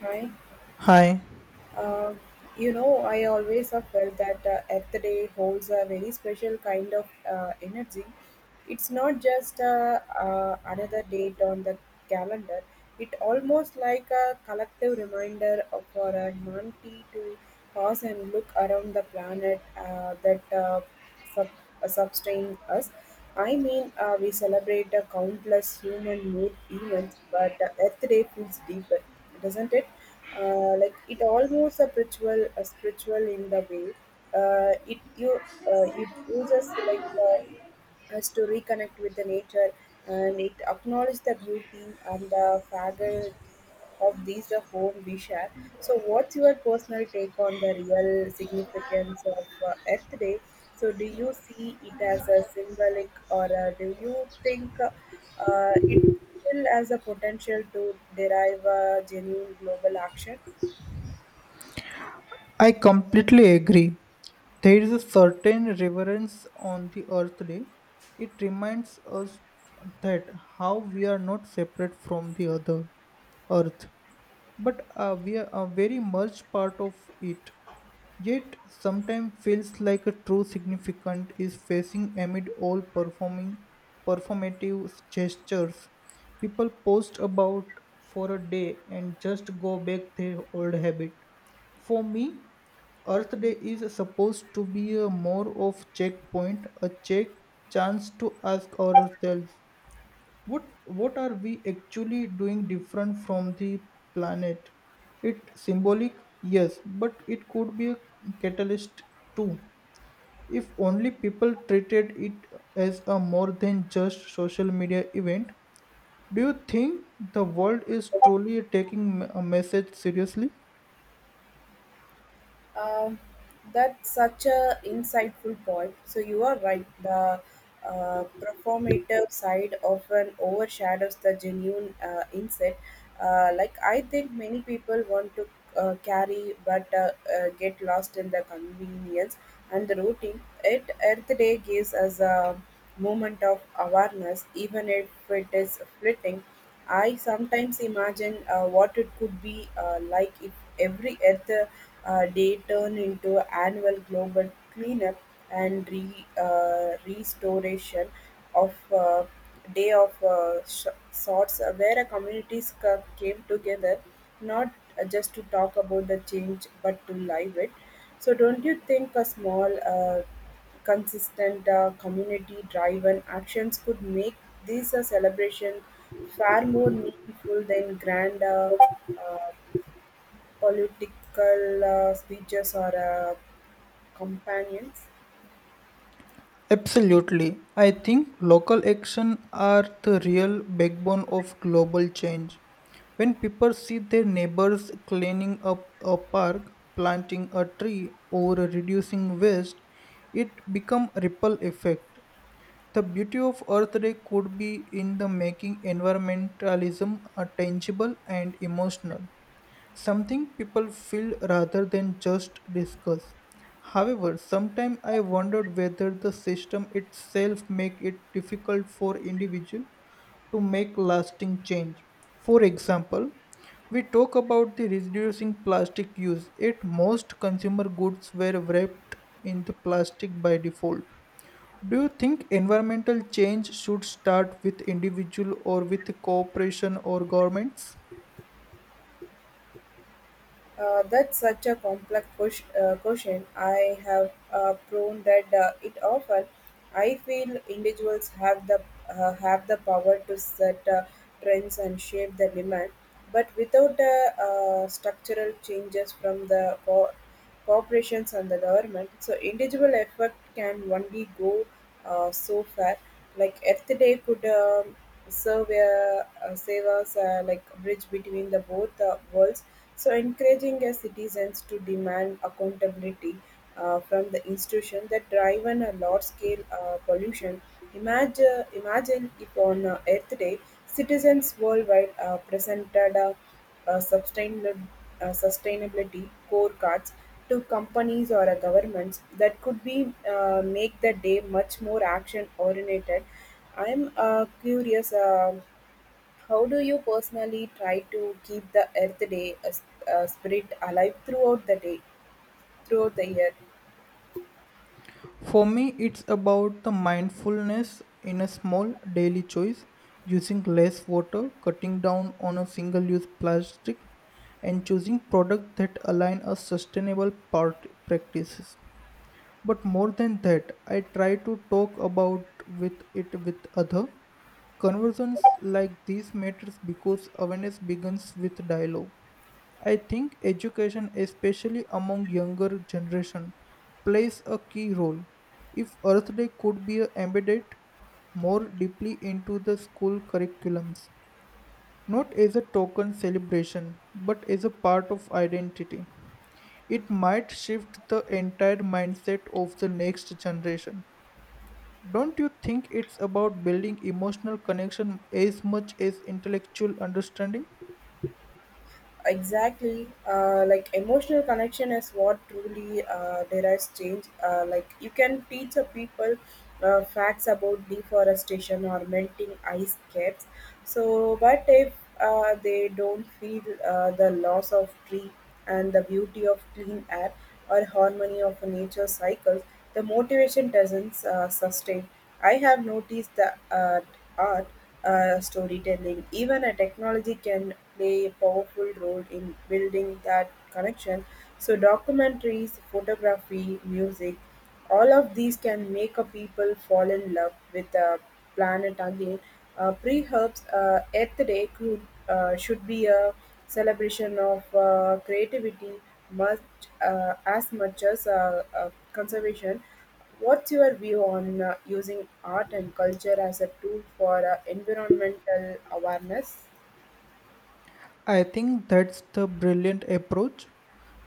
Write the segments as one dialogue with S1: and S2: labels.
S1: Hi.
S2: Hi,
S1: Uh, I always have felt that Earth Day holds a very special kind of energy. It's not just another date on the calendar. It almost like a collective reminder of for humanity to pause and look around the planet that sub, sustain us. I mean, we celebrate the countless human made events, but the Earth Day feels deeper, doesn't it? Like it almost a spiritual in the way. It uses like us to reconnect with the nature and it acknowledges the beauty and the fragility of these the home we share. So, what's your personal take on the real significance of Earth Day? So, do you see it as a symbolic, or do you think it still has a potential to derive a genuine global action?
S2: I completely agree. There is a certain reverence on the Earth Day. It reminds us that how we are not separate from the other Earth, but we are a very much part of it. Yet sometimes feels like a true significant is facing amid all performing performative gestures. People post about for a day and just go back their old habit. For me, Earth Day is supposed to be a more of checkpoint, a check chance to ask ourselves what are we actually doing different from the planet. It symbolic, yes, but it could be a catalyst too if only people treated it as a more than just social media event. Do you think the world is truly taking a message seriously?
S1: Um, that's such a insightful point. So you are right. The performative side often overshadows the genuine insight. Like I think many people want to carry, but get lost in the convenience and the routine. It Earth Day gives us a moment of awareness, even if it is fleeting. I sometimes imagine what it could be like if every Earth Day turned into annual global cleanup and restoration of day of sorts, where a communities came together, not just to talk about the change, but to live it. So, don't you think a small consistent, community-driven actions could make this celebration far more meaningful than grand uh, political speeches or companions.
S2: Absolutely. I think local action are the real backbone of global change. When people see their neighbors cleaning up a park, planting a tree, or reducing waste, it become ripple effect. The beauty of Earth Day could be in the making environmentalism tangible and emotional. Something people feel rather than just discuss. However, sometimes I wondered whether the system itself make it difficult for individual to make lasting change. For example, we talk about the reducing plastic use. Yet most consumer goods were wrapped in the plastic by default. Do you think environmental change should start with individual or with cooperation or governments?
S1: That's such a complex question. I have proven that it often. I feel individuals have the have the power to set trends and shape the demand, but without structural changes from the core, corporations and the government, so individual effort can only go so far. Like Earth Day could serve a, save us like a bridge between the both worlds. So encouraging citizens to demand accountability from the institution that drive on a large scale pollution. Imagine, if on Earth Day, citizens worldwide presented. A uh, sustainab- sustainability scorecards to companies or governments that could be make the day much more action oriented. I'm curious, how do you personally try to keep the Earth Day spirit alive throughout the day, throughout the year?
S2: For me, it's about the mindfulness in a small daily choice, using less water, cutting down on a single use plastic, and choosing products that align a sustainable part practices. But more than that, I try to talk about with it with other. Conversations like these matters because awareness begins with dialogue. I think education, especially among younger generation, plays a key role. If Earth Day could be embedded more deeply into the school curriculums, not as a token celebration, but as a part of identity, it might shift the entire mindset of the next generation. Don't you think it's about building emotional connection as much as intellectual understanding?
S1: Exactly, like emotional connection is what truly derives change. Like you can teach a people facts about deforestation or melting ice caps. So, but if they don't feel the loss of tree and the beauty of clean air or harmony of nature cycles, the motivation doesn't sustain. I have noticed that art storytelling. Even a technology can play a powerful role in building that connection. So, documentaries, photography, music, all of these can make a people fall in love with the planet again. Pre Earth Day could, should be a celebration of creativity much as much as conservation. What's your view on using art and culture as a tool for environmental awareness?
S2: I think that's the brilliant approach.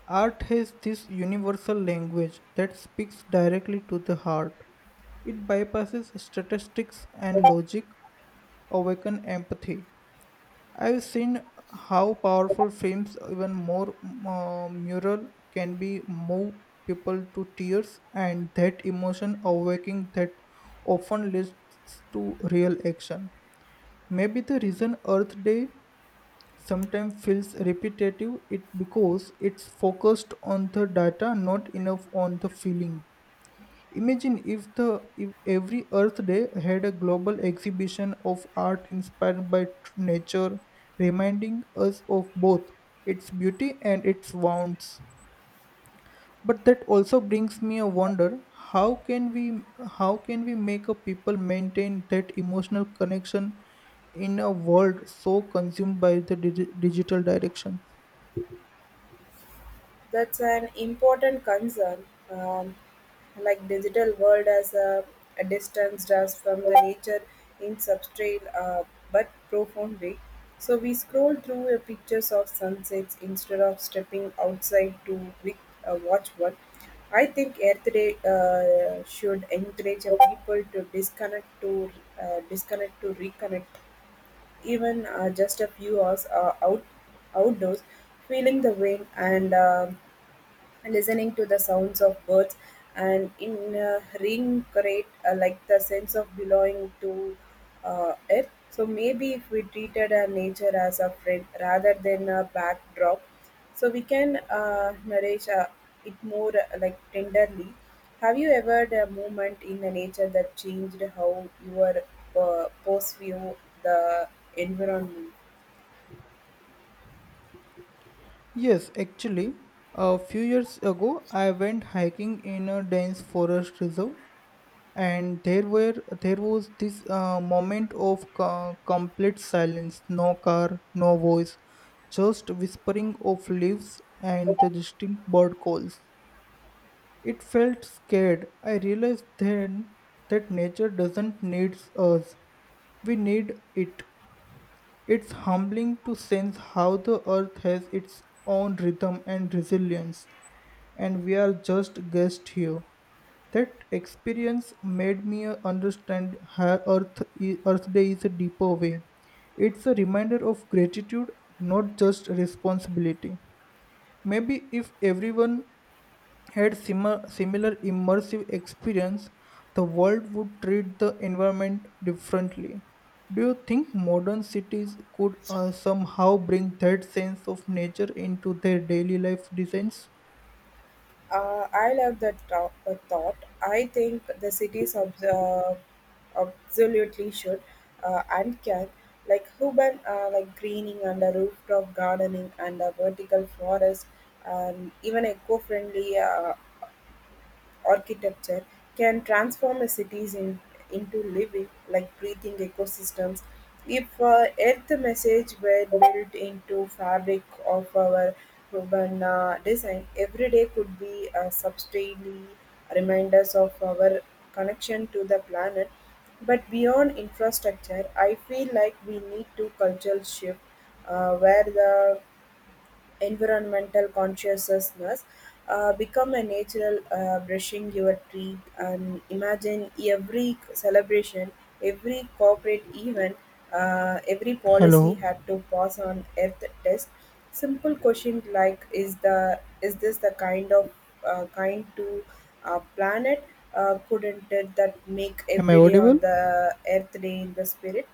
S2: Art has this universal language that speaks directly to the heart. It bypasses statistics and logic, awaken empathy. I've seen how powerful films, even more mural, can be move people to tears, and that emotion awakening that often leads to real action. Maybe the reason Earth Day sometimes feels repetitive it because it's focused on the data, not enough on the feeling. Imagine if every Earth Day had a global exhibition of art inspired by nature, reminding us of both its beauty and its wounds. But that also brings me a wonder: how can we make a people maintain that emotional connection in a world so consumed by the digital direction?
S1: That's an important concern, like digital world as a distance us from the nature in substrate, but profound way. So we scroll through pictures of sunsets instead of stepping outside to wi- watch one. I think Earth Day should encourage people to disconnect to disconnect to reconnect, even just a few hours outdoors, feeling the wind and listening to the sounds of birds and in reincorporate like the sense of belonging to it. So maybe if we treated our nature as a friend rather than a backdrop, so we can nourish it more like tenderly. Have you ever had a moment in the nature that changed how your perceive the environment?
S2: Yes, actually, a few years ago, I went hiking in a dense forest reserve and there was this moment of complete silence, no car, no voice, just whispering of leaves and the distinct bird calls. It felt scared. I realized then that nature doesn't need us, we need it. It's humbling to sense how the earth has its own rhythm and resilience, and we are just guests here. That experience made me understand how Earth Day is a deeper way. It's a reminder of gratitude, not just responsibility. Maybe if everyone had similar immersive experience, the world would treat the environment differently. Do you think modern cities could somehow bring that sense of nature into their daily life designs?
S1: I love that thought. I think the cities of the absolutely should and can, like urban, like greening and a rooftop gardening and a vertical forest, and even eco-friendly. Architecture can transform a cities in, into living, like breathing ecosystems. If Earth message were built into fabric of our urban design, every day could be a substantially reminders of our connection to the planet. But beyond infrastructure, I feel like we need to cultural shift where the environmental consciousness become a natural brushing your teeth and imagine every celebration every corporate event every
S2: Hello,
S1: policy had to pass on earth test simple question like is the is this the kind of kind to planet couldn't it that make
S2: am I
S1: every day on
S2: audible?
S1: the earth day in the spirit